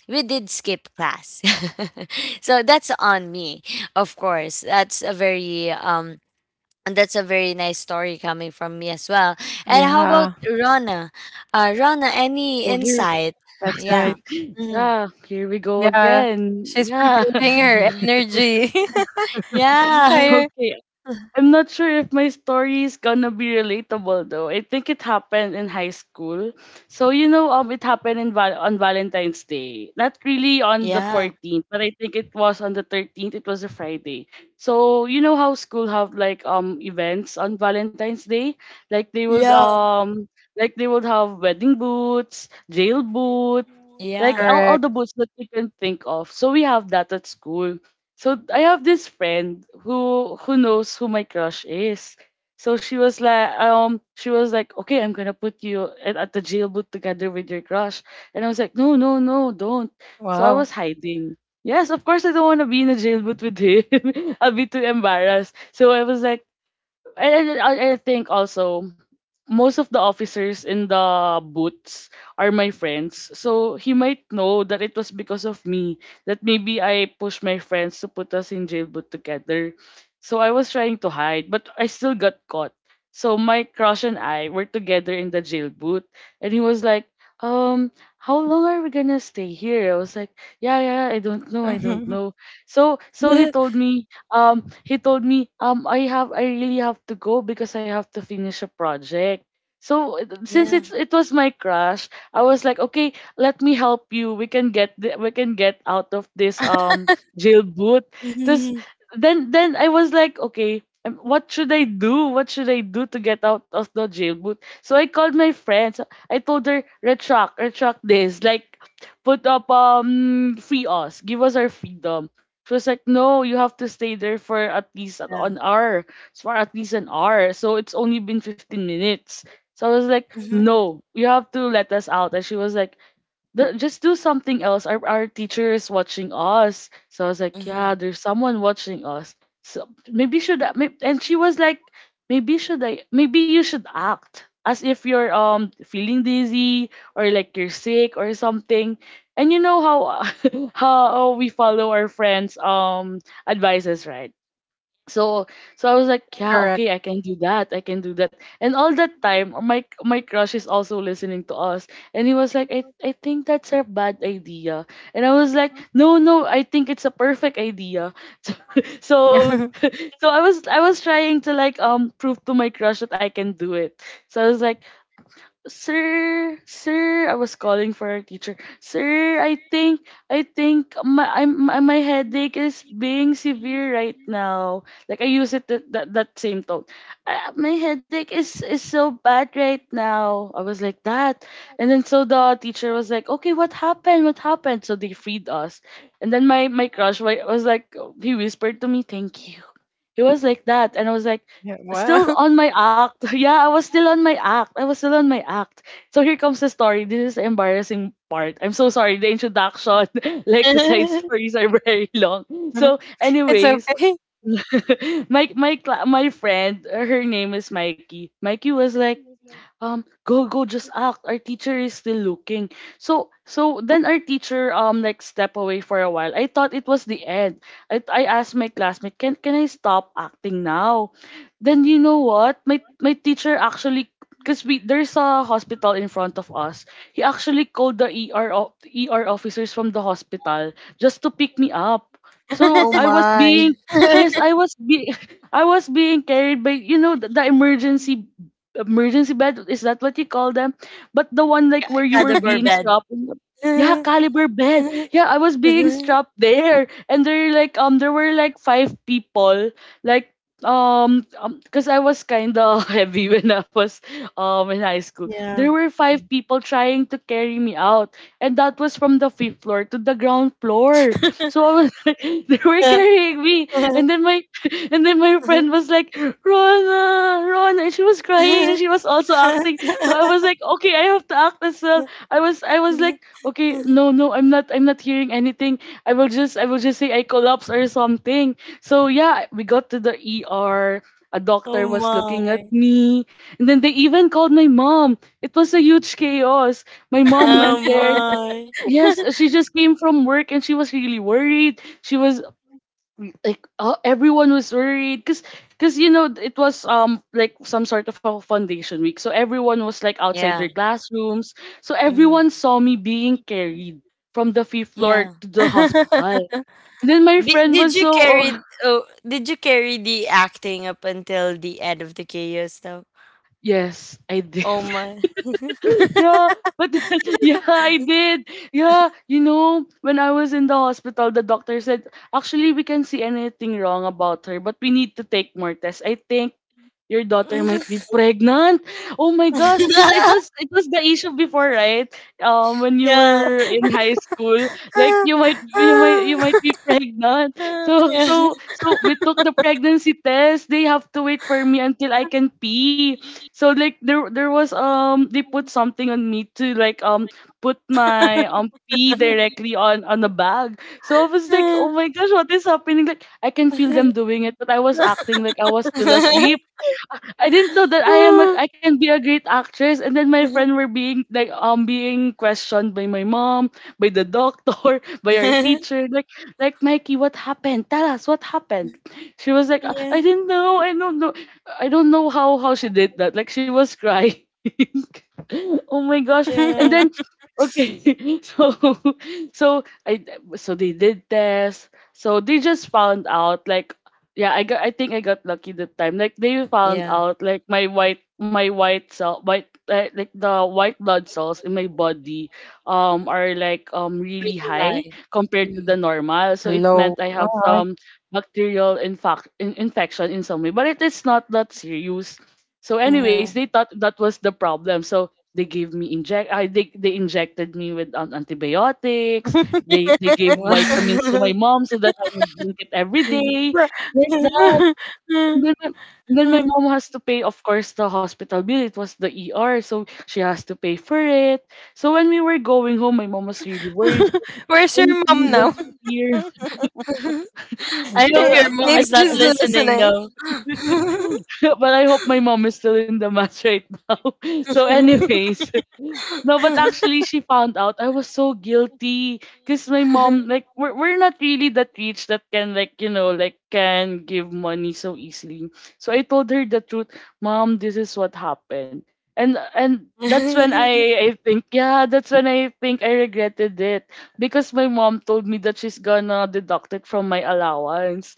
we did skip class. So that's on me. Of course, that's a very, that's a very nice story coming from me as well. And how
Yeah.
about Rona? Rona, any
Oh, here,
insight?
That's right.
Yeah. Mhm.
yeah, here we go
Yeah.
again.
She's
Yeah.
preparing her energy.
Yeah.
Higher.
Okay, I'm not sure if my story is gonna be relatable though. I think it happened in high school. So it happened in on Valentine's Day. Not really on the
Uh,
14th, but I think it was on the 13th. It was a Friday. So you know how school have like events on Valentine's Day, like they would
Yeah.
um like they would have wedding boots, jail boots, like
Correct.
Yeah.
all the books that you can think of. So we have that at school. So I have this friend who knows who my crush is. So she was like, okay, I'm gonna put you at the jail boot together with your crush. And I was like, no, no, no,
Wow.
don't. So I was hiding. Yes, of course I don't want to be in a jail boot with him. I'll be too embarrassed. So I was like, and I think also most of the officers in the boots are my friends. So he might know that it was because of me that maybe I pushed my friends to put us in jail boot together. So I was trying to hide, but I still got caught. So my crush and I were together in the jail boot, and he was like, how long are we gonna stay here?" I was like, "Yeah, yeah, I don't know, I don't know." So he told me I have I really have to go because I have to finish a project. So since
Yeah.
it was my crush, I was like, okay, let me help you. We can get the, we can get out of this jail boot. This
Mhm.
then I was like, okay, what should I do? What should I do to get out of the jail boot? So I called my friends. I told her retract this like put up free us, give us our freedom. She was like, no, you have to stay there for at least an
Yeah.
an hour. So for at least an hour. So it's only been 15 minutes. So I was like,
Mhm.
no, you have to let us out. And she was like, the, just do something else. Our teacher is watching us. So I was like, yeah,
Mhm.
there's someone watching us. So maybe should I, may- and she was like, maybe you should act as if you're feeling dizzy or like you're sick or something. And you know how how we follow our friends' advices, right? So so I was like, yeah,
Correct.
okay, I can do that. I can do that. And all that time, my crush is also listening to us. And he was like, I think that's a bad idea. And I was like, no, no, I think it's a perfect idea. So so so I was trying to like prove to my crush that I can do it. So I was like, sir, sir, I was calling for a teacher. Sir, I think my, I'm, my headache is being severe right now. Like I use it that same tone. My headache is so bad right now. I was like that, and then so the teacher was like, okay, what happened? What happened? So they freed us, and then my crush was like, he whispered to me, thank you. It was like that. And I was like,
Yeah,
still
wow.
on my act. Yeah, I was still on my act. I was still on my act. So here comes the story. This is the embarrassing part. I'm so sorry. The introduction, like the side stories are very long. So,
It's
anyways,
okay.
my friend, her name is Mikey. Mikey was like, go go just act, our teacher is still looking. So so then our teacher like step away for a while. I thought it was the end. I asked my classmate, can I stop acting now? Then you know what, my teacher actually, because we, there's a hospital in front of us, he actually called the ER, ER officers from the hospital just to pick me up. So
Oh
I was
my.
being, yes, I was be I was being carried by, you know, the emergency emergency bed, is that what you call them? But the one like where you were
Cadaver
being
bed.
strapped in yeah, caliber bed. Yeah, I was being strapped there, and there like there were like five people, like, um because I was kind of heavy when I was in high school.
Yeah.
There were five people trying to carry me out, and that was from the fifth floor to the ground floor. So I was like, they were carrying me, and then my and then my friend was like, Rona, Rona, and she was crying, and she was also acting. So I was like, okay, I have to act as well. I was like, okay, no, no, I'm not hearing anything. I will just say I collapse or something. So yeah, we got to the ER. A
Oh
doctor was
my.
looking at me, and then they even called my mom. It was a huge chaos. My mom
Oh
went there.
my.
Yes, she just came from work and she was really worried. She was like, everyone was worried because you know, it was like some sort of a foundation week. So everyone was like outside their
Yeah.
classrooms. So
Hmm.
everyone saw me being carried from the fifth floor
Yeah.
to the hospital. And then my
Did,
friend
did
was
you
so,
carry oh, did you carry the acting up until the end of the chaos though?
yes, I did.
Oh my.
Yeah, but then, yeah, I did. Yeah, you know, when I was in the hospital, the doctor said, actually, we can see anything wrong about her, but we need to take more tests. I think your daughter might be pregnant. Oh my gosh, because it was, it was the issue before, right? When you
Yeah. Yeah.
were in high school, like you might you might be pregnant. So so so we took the pregnancy test. They have to wait for me until I can pee. So like there was they put something on me to like put my pee directly on a bag. So I was like, oh my gosh, what is happening? Like I can feel them doing it, but I was acting like I was still asleep. I didn't know that I am I can be a great actress. And then my friend were being like being questioned by my mom, by the doctor, by our teacher, like Mikey, what happened? Tell us what happened. She was like,
Yeah.
I didn't know. I don't know. I don't know how she did that. Like she was crying. Oh my gosh. And
Yeah.
then okay. So so I, so they did tests. So they just found out like, yeah, I got, I think I got lucky that time. Like they found
Yeah.
out like my white cell white like the white blood cells in my body are like really
Pretty
high
high.
compared to the
Mm.
Hello.
normal. So it
Why?
meant I have some bacterial infection in some way, but it is not that serious. So anyways,
Uh-huh.
they thought that was the problem. So they gave me inject I they injected me with antibiotics. They gave vitamins to my mom so that I would drink it every day
Where-
like that. And then my mom has to pay, of course, the hospital bill. It was the ER, so she has to pay for it. So when we were going home, my mom was really worried. She was like, are you
Where's your
feeling
mom
okay,
now?
dear?
I hope
But
your mom is not
I
Maybe she's
listening though.
listening.
but I hope my mom is still in the match right now. So, anyways, no, but actually, she found out. I was so guilty because my mom, like, we're not really that rich that can, like, you know, like, can give money so easily. So I told her the truth, mom, this is what happened, and that's when I think, yeah, that's when I think I regretted it, because my mom told me that she's gonna deduct it from my allowance.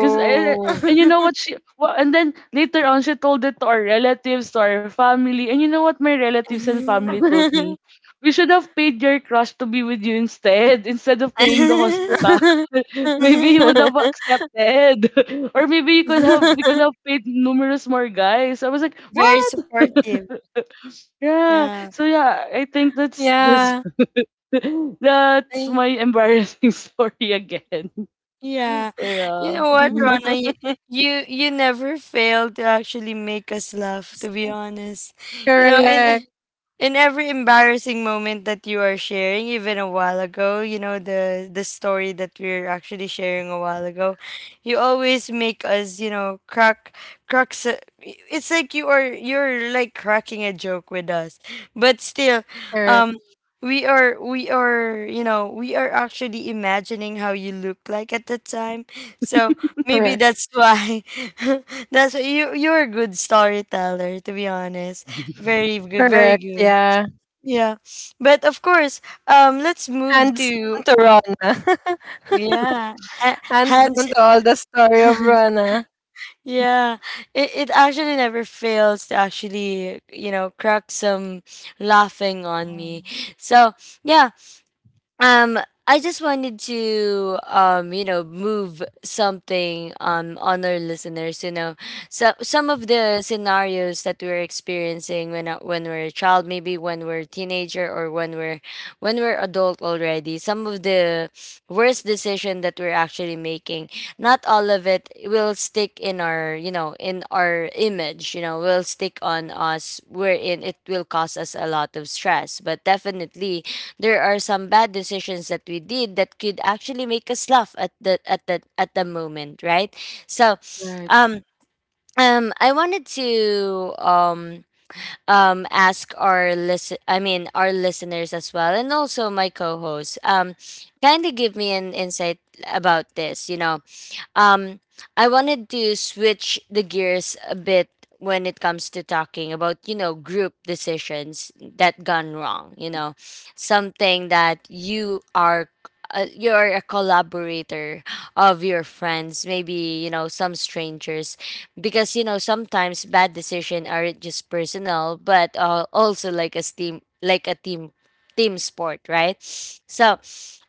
Cause and you know what and then later on she told it to our relatives, to our family. And you know what my relatives and family told me? We should have paid your crush to be with you instead, instead of paying the hospital. Maybe he would have accepted. Or maybe you could have, we could have paid numerous more guys. I was like,
Very
what?
supportive.
Yeah.
Yeah.
So yeah, I think that's
Yeah.
that's that's
Ay,
my embarrassing story again.
yeah.
So
You
yeah.
know what,
Mm.
Rona? You never fail to actually make us laugh, to be honest. You know,
Correct.
and in every embarrassing moment that you are sharing, even a while ago, you know, the story that we're actually sharing a while ago, you always make us, you know, crack, cracks. It's like you're like cracking a joke with us. But still, um
Correct.
we are, you know, we are actually imagining how you look like at the time. So maybe that's
Correct.
why. That's why you're a good storyteller, to be honest. Very good, very
Correct.
good.
Yeah.
Yeah, but of course, let's move
Hands
to.
down to Rana.
Yeah,
Hands
hands.
down to all the story of Rana.
Yeah, it actually never fails to actually, you know, crack some laughing on me. So yeah. Um, I just wanted to, you know, move something on our listeners, you know. So some of the scenarios that we're experiencing when, when we're a child, maybe when we're a teenager, or when we're adult already, some of the worst decision that we're actually making, not all of it will stick in our, you know, in our image, you know, will stick on us wherein it will cause us a lot of stress. But definitely, there are some bad decisions that we did that could actually make us laugh at the moment, right? So,
Right.
um, I wanted to ask our I mean, our listeners as well, and also my co-host, kind of give me an insight about this. Um, I wanted to switch the gears a bit when it comes to talking about, group decisions that gone wrong, something that you are you're a collaborator of your friends, maybe some strangers, because sometimes bad decision aren't just personal but also like a team, like a team sport, right? so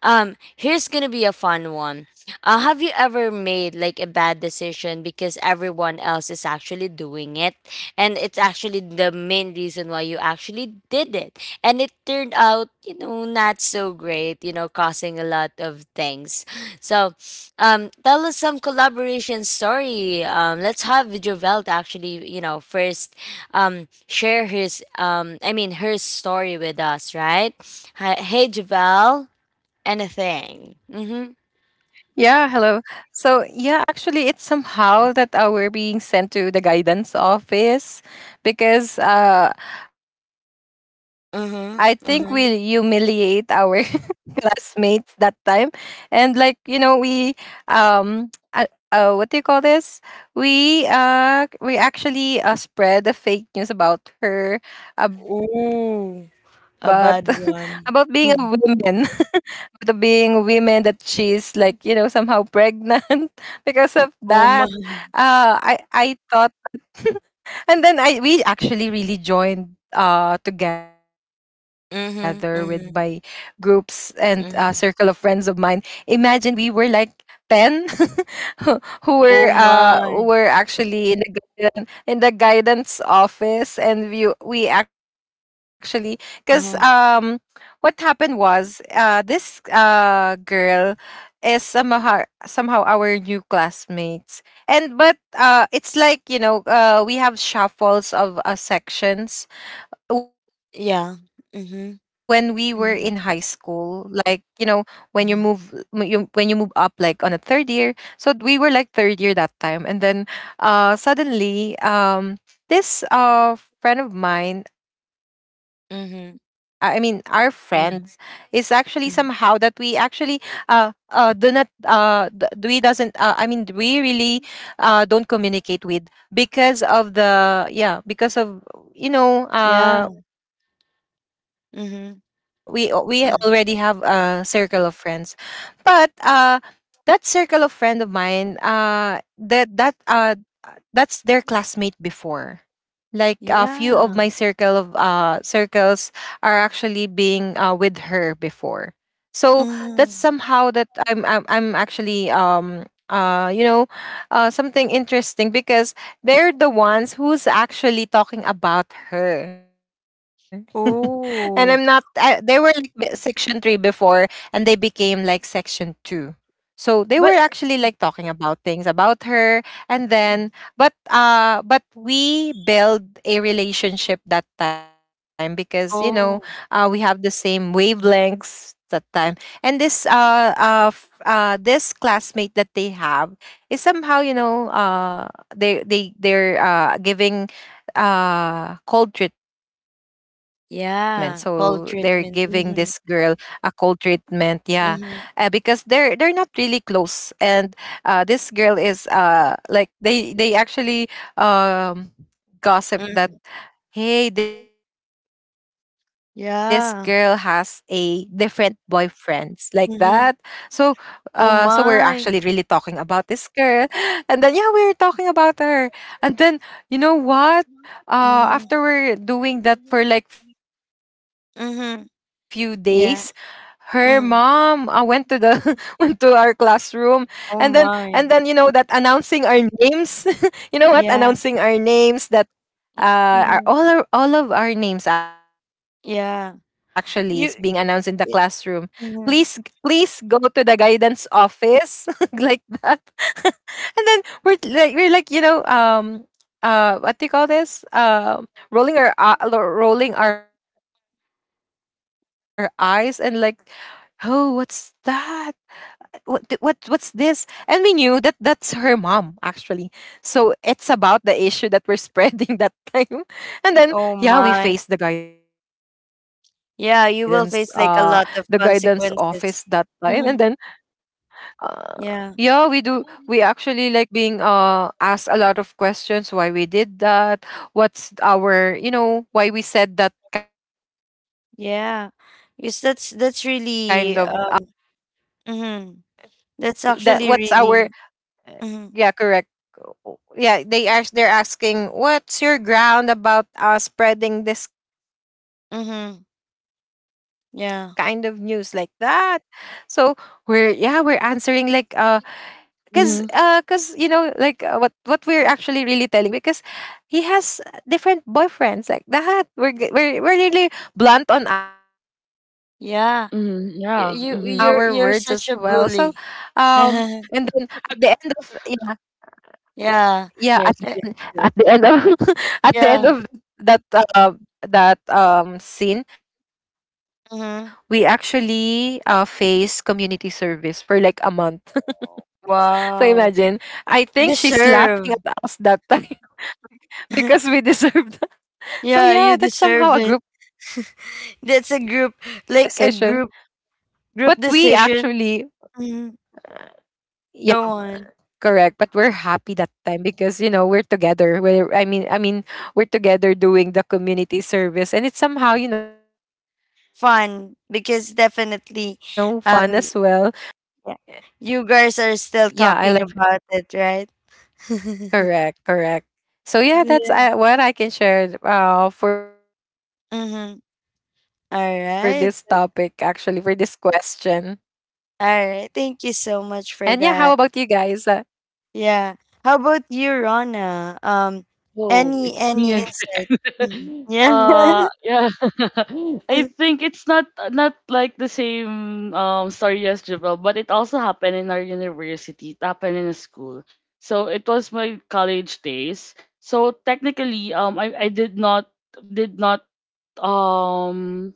um here's gonna be a fun one. Have you ever made like a bad decision because everyone else is actually doing it, and it's actually the main reason why you actually did it, and it turned out, not so great, causing a lot of things? So tell us some collaboration story. Let's have Jovel to actually, first share his, I mean, her story with us, right? Hi, hey Jovel, anything?
Yeah,
Mhm.
hello. So, yeah, actually, it's somehow that we're being sent to the guidance office because I think we humiliate
Mhm.
our
Mhm.
classmates that time, and like, you know we um uh, what do you call this, we actually spread the fake news about her, about
Ooh,
about being a
a bad
woman,
one.
the being women, that she's like, somehow pregnant, because of that,
Oh my.
I thought, and then I we actually really joined together with my groups
Mhm,
and,
mhm,
circle of friends of mine.
mhm.
Imagine we were like 10 who who
Oh
were
my.
actually in the guidance office and we actually cuz
Uh-huh.
what happened was this girl is somehow our new classmates. And but it's like you know we have shuffles of sections when we were
Yeah.
in high
Mhm.
school, like you know,
Mhm.
when you move you when you move up like on a third year. So we were like third year that time. And then suddenly, this friend of mine, I mean our friends
Mhm. Mhm.
is actually somehow
Yeah.
that we actually
Mhm.
uh do not we doesn't, I mean we really don't communicate with, because of the, yeah, because of, you know,
Yeah.
we already have a
Mhm,
circle of friends.
mhm.
But that circle of friend of mine, uh, that's their classmate before, like a few of my circle
Yeah.
of circles are actually being with her before. So that's
Mhm.
somehow that I'm actually, you know, something interesting, because they're the ones who's actually talking about her, and I'm not I, they were
Oh.
like section 3 before and they became like section 2. So they were actually
But
like talking about things about her. And then but we build a relationship that time, because you know, we
oh.
have the same wavelengths that time. And this this classmate that they have is somehow, you know, they're giving cold treatment. So they're giving this
Yeah.
girl
Cold
a
treatment.
cold
Mhm.
treatment, yeah. Because
Mhm.
they're not really close. And this girl is, like they actually, um, gossip that,
Mhm.
hey, this girl has a different
Yeah.
boyfriends, like that. So so
Mhm.
we're actually really
Oh
talking about this
my.
girl, and then, yeah, we are talking about her. And then, you know what, after we're
Mhm.
doing that for like few days, her
Mhm.
mom, went to
Yeah.
the went to
Mhm.
our classroom. And then, and then, you know, that
Oh
announcing
my.
our names, you know what? Announcing our
Yeah.
names that, are all our, all
Mhm.
of our names actually is being announced in the classroom.
Yeah.
Please,
You
please go
y
to the guidance
mhm.
office like that. And then we're like, you know, what do you call this? Rolling our eyes and like, oh, what's that? What's this? And we knew that that's her mom actually. So it's about the issue that we're spreading that time. And then, yeah, we faced
Oh my.
the guidance office
Yeah,
that
you will
time.
face
And
like a
then,
lot of consequences.
uh,
Mhm.
yeah, we actually like
Yeah.
being asked a lot of questions, why we did that, what's our, you know, why we said that kind of news, or why we spread
Yeah.
that kind of
Because
news.
that's
What
really um mhm.
I- that
That's
what's
actually
our,
really
uh,
mhm.
yeah, correct. Yeah, they're asking, what's your ground about, spreading this kind of news,
Mhm.
like that.
Yeah.
So we're, yeah, we're answering like, cuz you know like, what we're actually really telling, because he has different boyfriends like that. We're really
Yeah.
blunt
Mhm,
on
You,
yeah,
our
you
words
mhm.
as
you're you're
well. So
such a bully.
and then at the end of, yeah,
Yeah.
yeah,
Yes,
Yeah.
yes, yes.
at the end of, at
Yeah.
the end of that that scene,
Mhm.
we actually face community service for like a month.
Wow.
So imagine,
Deserve.
I think she's laughing at us that time, because
Yeah,
we
you
deserved.
deserve it.
So yeah, that's
That's a
somehow a
group,
group
like a
decision.
group.
But
Group
we
decision.
actually,
Hmm.
yeah,
Go on.
correct, but we're happy that time, because you know, we're together. We're I mean we're together doing the community service, and it's somehow, you know, fun as well. But
Fun because
definitely we learn from that.
definitely,
Um,
um, yeah, you guys are still
yeah,
talking
I learned.
about it, right?
Correct, correct. So yeah,
Yeah.
that's what I can share for this topic, actually
Mm-hmm.
for this
All
question.
right.
And yeah, how
All
about you
right. Thank you
guys?
so much for that. Yeah. How about you, Rona?
Oh, it's me
Any
again.
insight? Mhm. Yeah.
Yeah. I think it's not like the same story as Javel, but it also happened in our university. It happened in a school. So it was my college days. So technically, did not um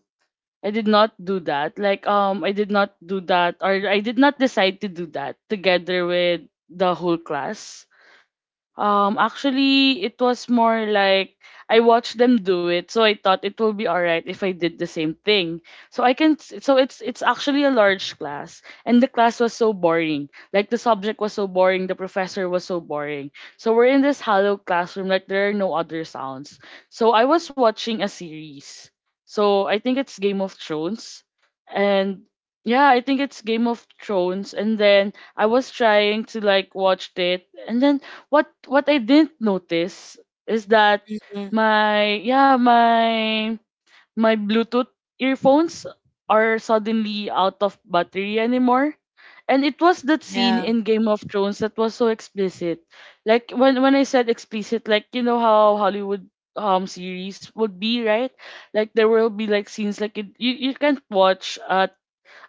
I did not do that. Like I did not do that, or I did not decide to do that together with the whole class. Actually, it was more like I watched them do it, so I thought it will be alright if I did the same thing. So it's actually a large class, and the class was so boring. Like the subject was so boring, the professor was so boring. So we're in this hollow classroom, like there are no other sounds. So I was watching a series. So I think it's Game of Thrones, and yeah, I think it's Game of Thrones, and then I was trying to like watch it, and then what I didn't notice is that
Mhm.
my yeah my Bluetooth earphones are suddenly out of battery anymore. And it was that scene
Yeah.
in Game of Thrones that was so explicit. Like when I said explicit, like you know how Hollywood series would be, right? Like there will be like scenes like you, you can't watch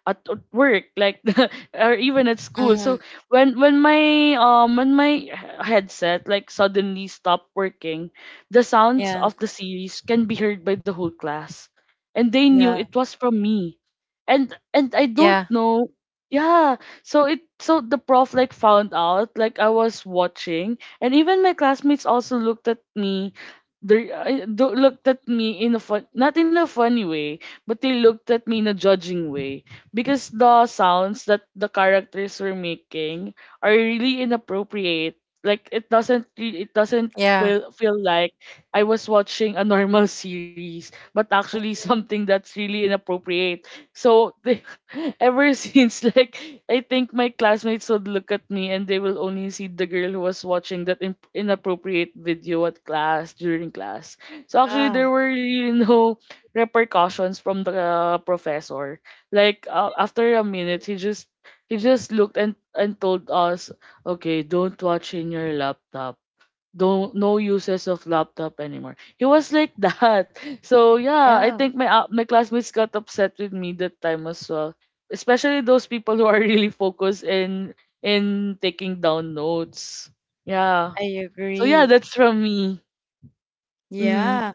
at work like or even at school.
Mm-hmm.
So when my headset like suddenly stopped working, the sounds
Yeah.
of the series can be heard by the whole class, and they knew
Yeah.
it was from me.
Yeah,
And I don't know, yeah. So the prof like found out like I was watching, and even my classmates also looked at me. Looked at me in a fun, not in a funny way, but they looked at me in a judging way because the sounds that the characters were making are really inappropriate. Like it doesn't it
yeah,
doesn't feel like I was watching a normal series, but actually something that's really inappropriate. So they, ever since, like I think my classmates would look at me and they will only see the girl who was watching that inappropriate video at class during class. So actually
Yeah.
there were really no repercussions from the professor. Like after a minute, he just looked and told us, okay, don't watch in your laptop. Don't, no uses of laptop anymore. He was like that. So yeah, I think my my classmates got upset with me that time as well. Especially those people who are really focused in taking down notes. Yeah.
I
So yeah,
agree.
that's from me. Mm-hmm.
Yeah.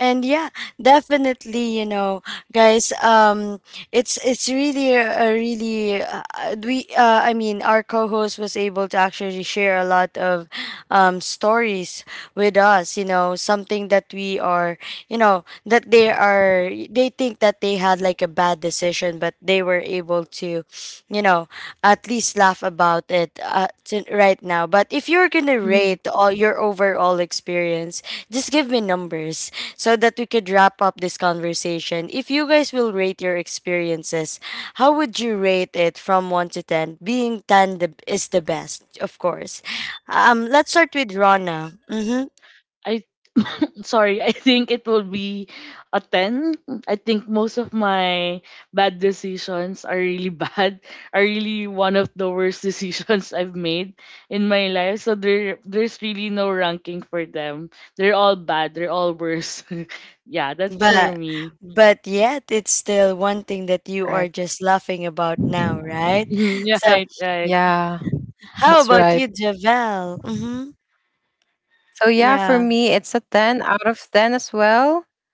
And yeah, definitely, guys, it's really a really we I mean, our co-host was able to actually share a lot of stories with us, you know, something that we are, you know, that they are they think that they had like a bad decision, but they were able to, you know, at least laugh about it right now. But if you're going to
Mm-hmm.
rate all your overall experience, just give me numbers so that we could wrap up this conversation. If you guys will rate your experiences, how would you rate it from 1 to 10? Being 10 the, is the best, of course. Let's start with Rana. Mm-hmm.
I sorry, I think it will be a 10. I think most of my bad decisions are really bad, are really one of the worst decisions I've made in my life. So there, there's really no ranking for them. They're all bad, they're all worse. Yeah, that's for
But
me.
but yet it's still one thing
correct.
that you are just laughing about now, right?
Yeah,
So
right, right.
Yeah, that's
how
right.
about you, Javel? Mm-hmm.
So yeah, for
Yeah.
me, it's a 10 out of 10 as well,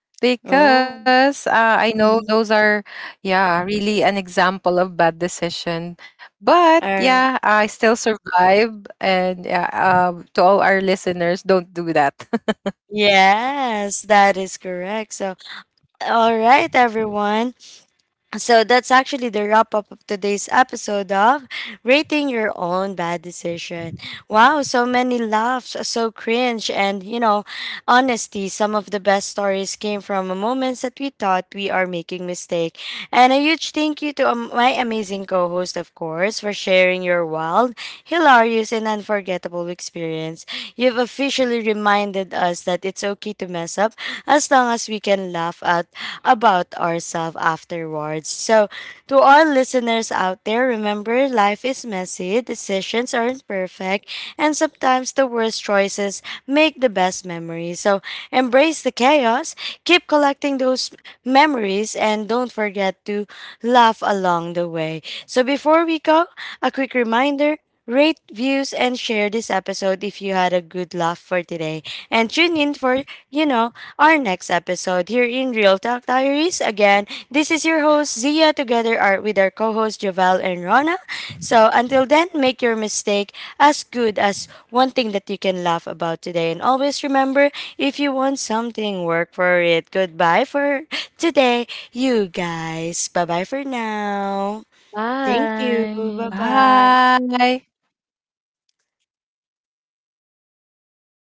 Oh.
because I know
Mm-hmm.
those are, yeah, really an example of bad decision. But yeah, I still survive. And yeah, to all our listeners, don't do that.
Yes, that is correct. So all right, everyone. So that's actually the wrap up of today's episode of Rating Your Own Bad Decision. Wow, so many laughs, so cringe, and you know, honesty. Some of the best stories came from moments that we thought we are making mistake. And a huge thank you to my amazing co-host, of course, for sharing your wild, hilarious, and unforgettable experience. You've officially reminded us that it's okay to mess up as long as we can laugh at about ourselves afterwards. So, to all listeners out there, remember, life is messy, decisions aren't perfect, and sometimes the worst choices make the best memories. So, embrace the chaos, keep collecting those memories, and don't forget to laugh along the way. So, before we go, a quick reminder: rate, views, and share this episode if you had a good laugh for today. And tune in for, you know, our next episode here in Real Talk Diaries. Again, this is your host Zia together are, with our co-host Jovel and Rona. So until then, make your mistake as good as one thing that you can laugh about today. And always remember, if you want something, work for it. Goodbye for today, you guys. Bye-bye for now. Thank you.
Bye.
Bye-bye.
Bye.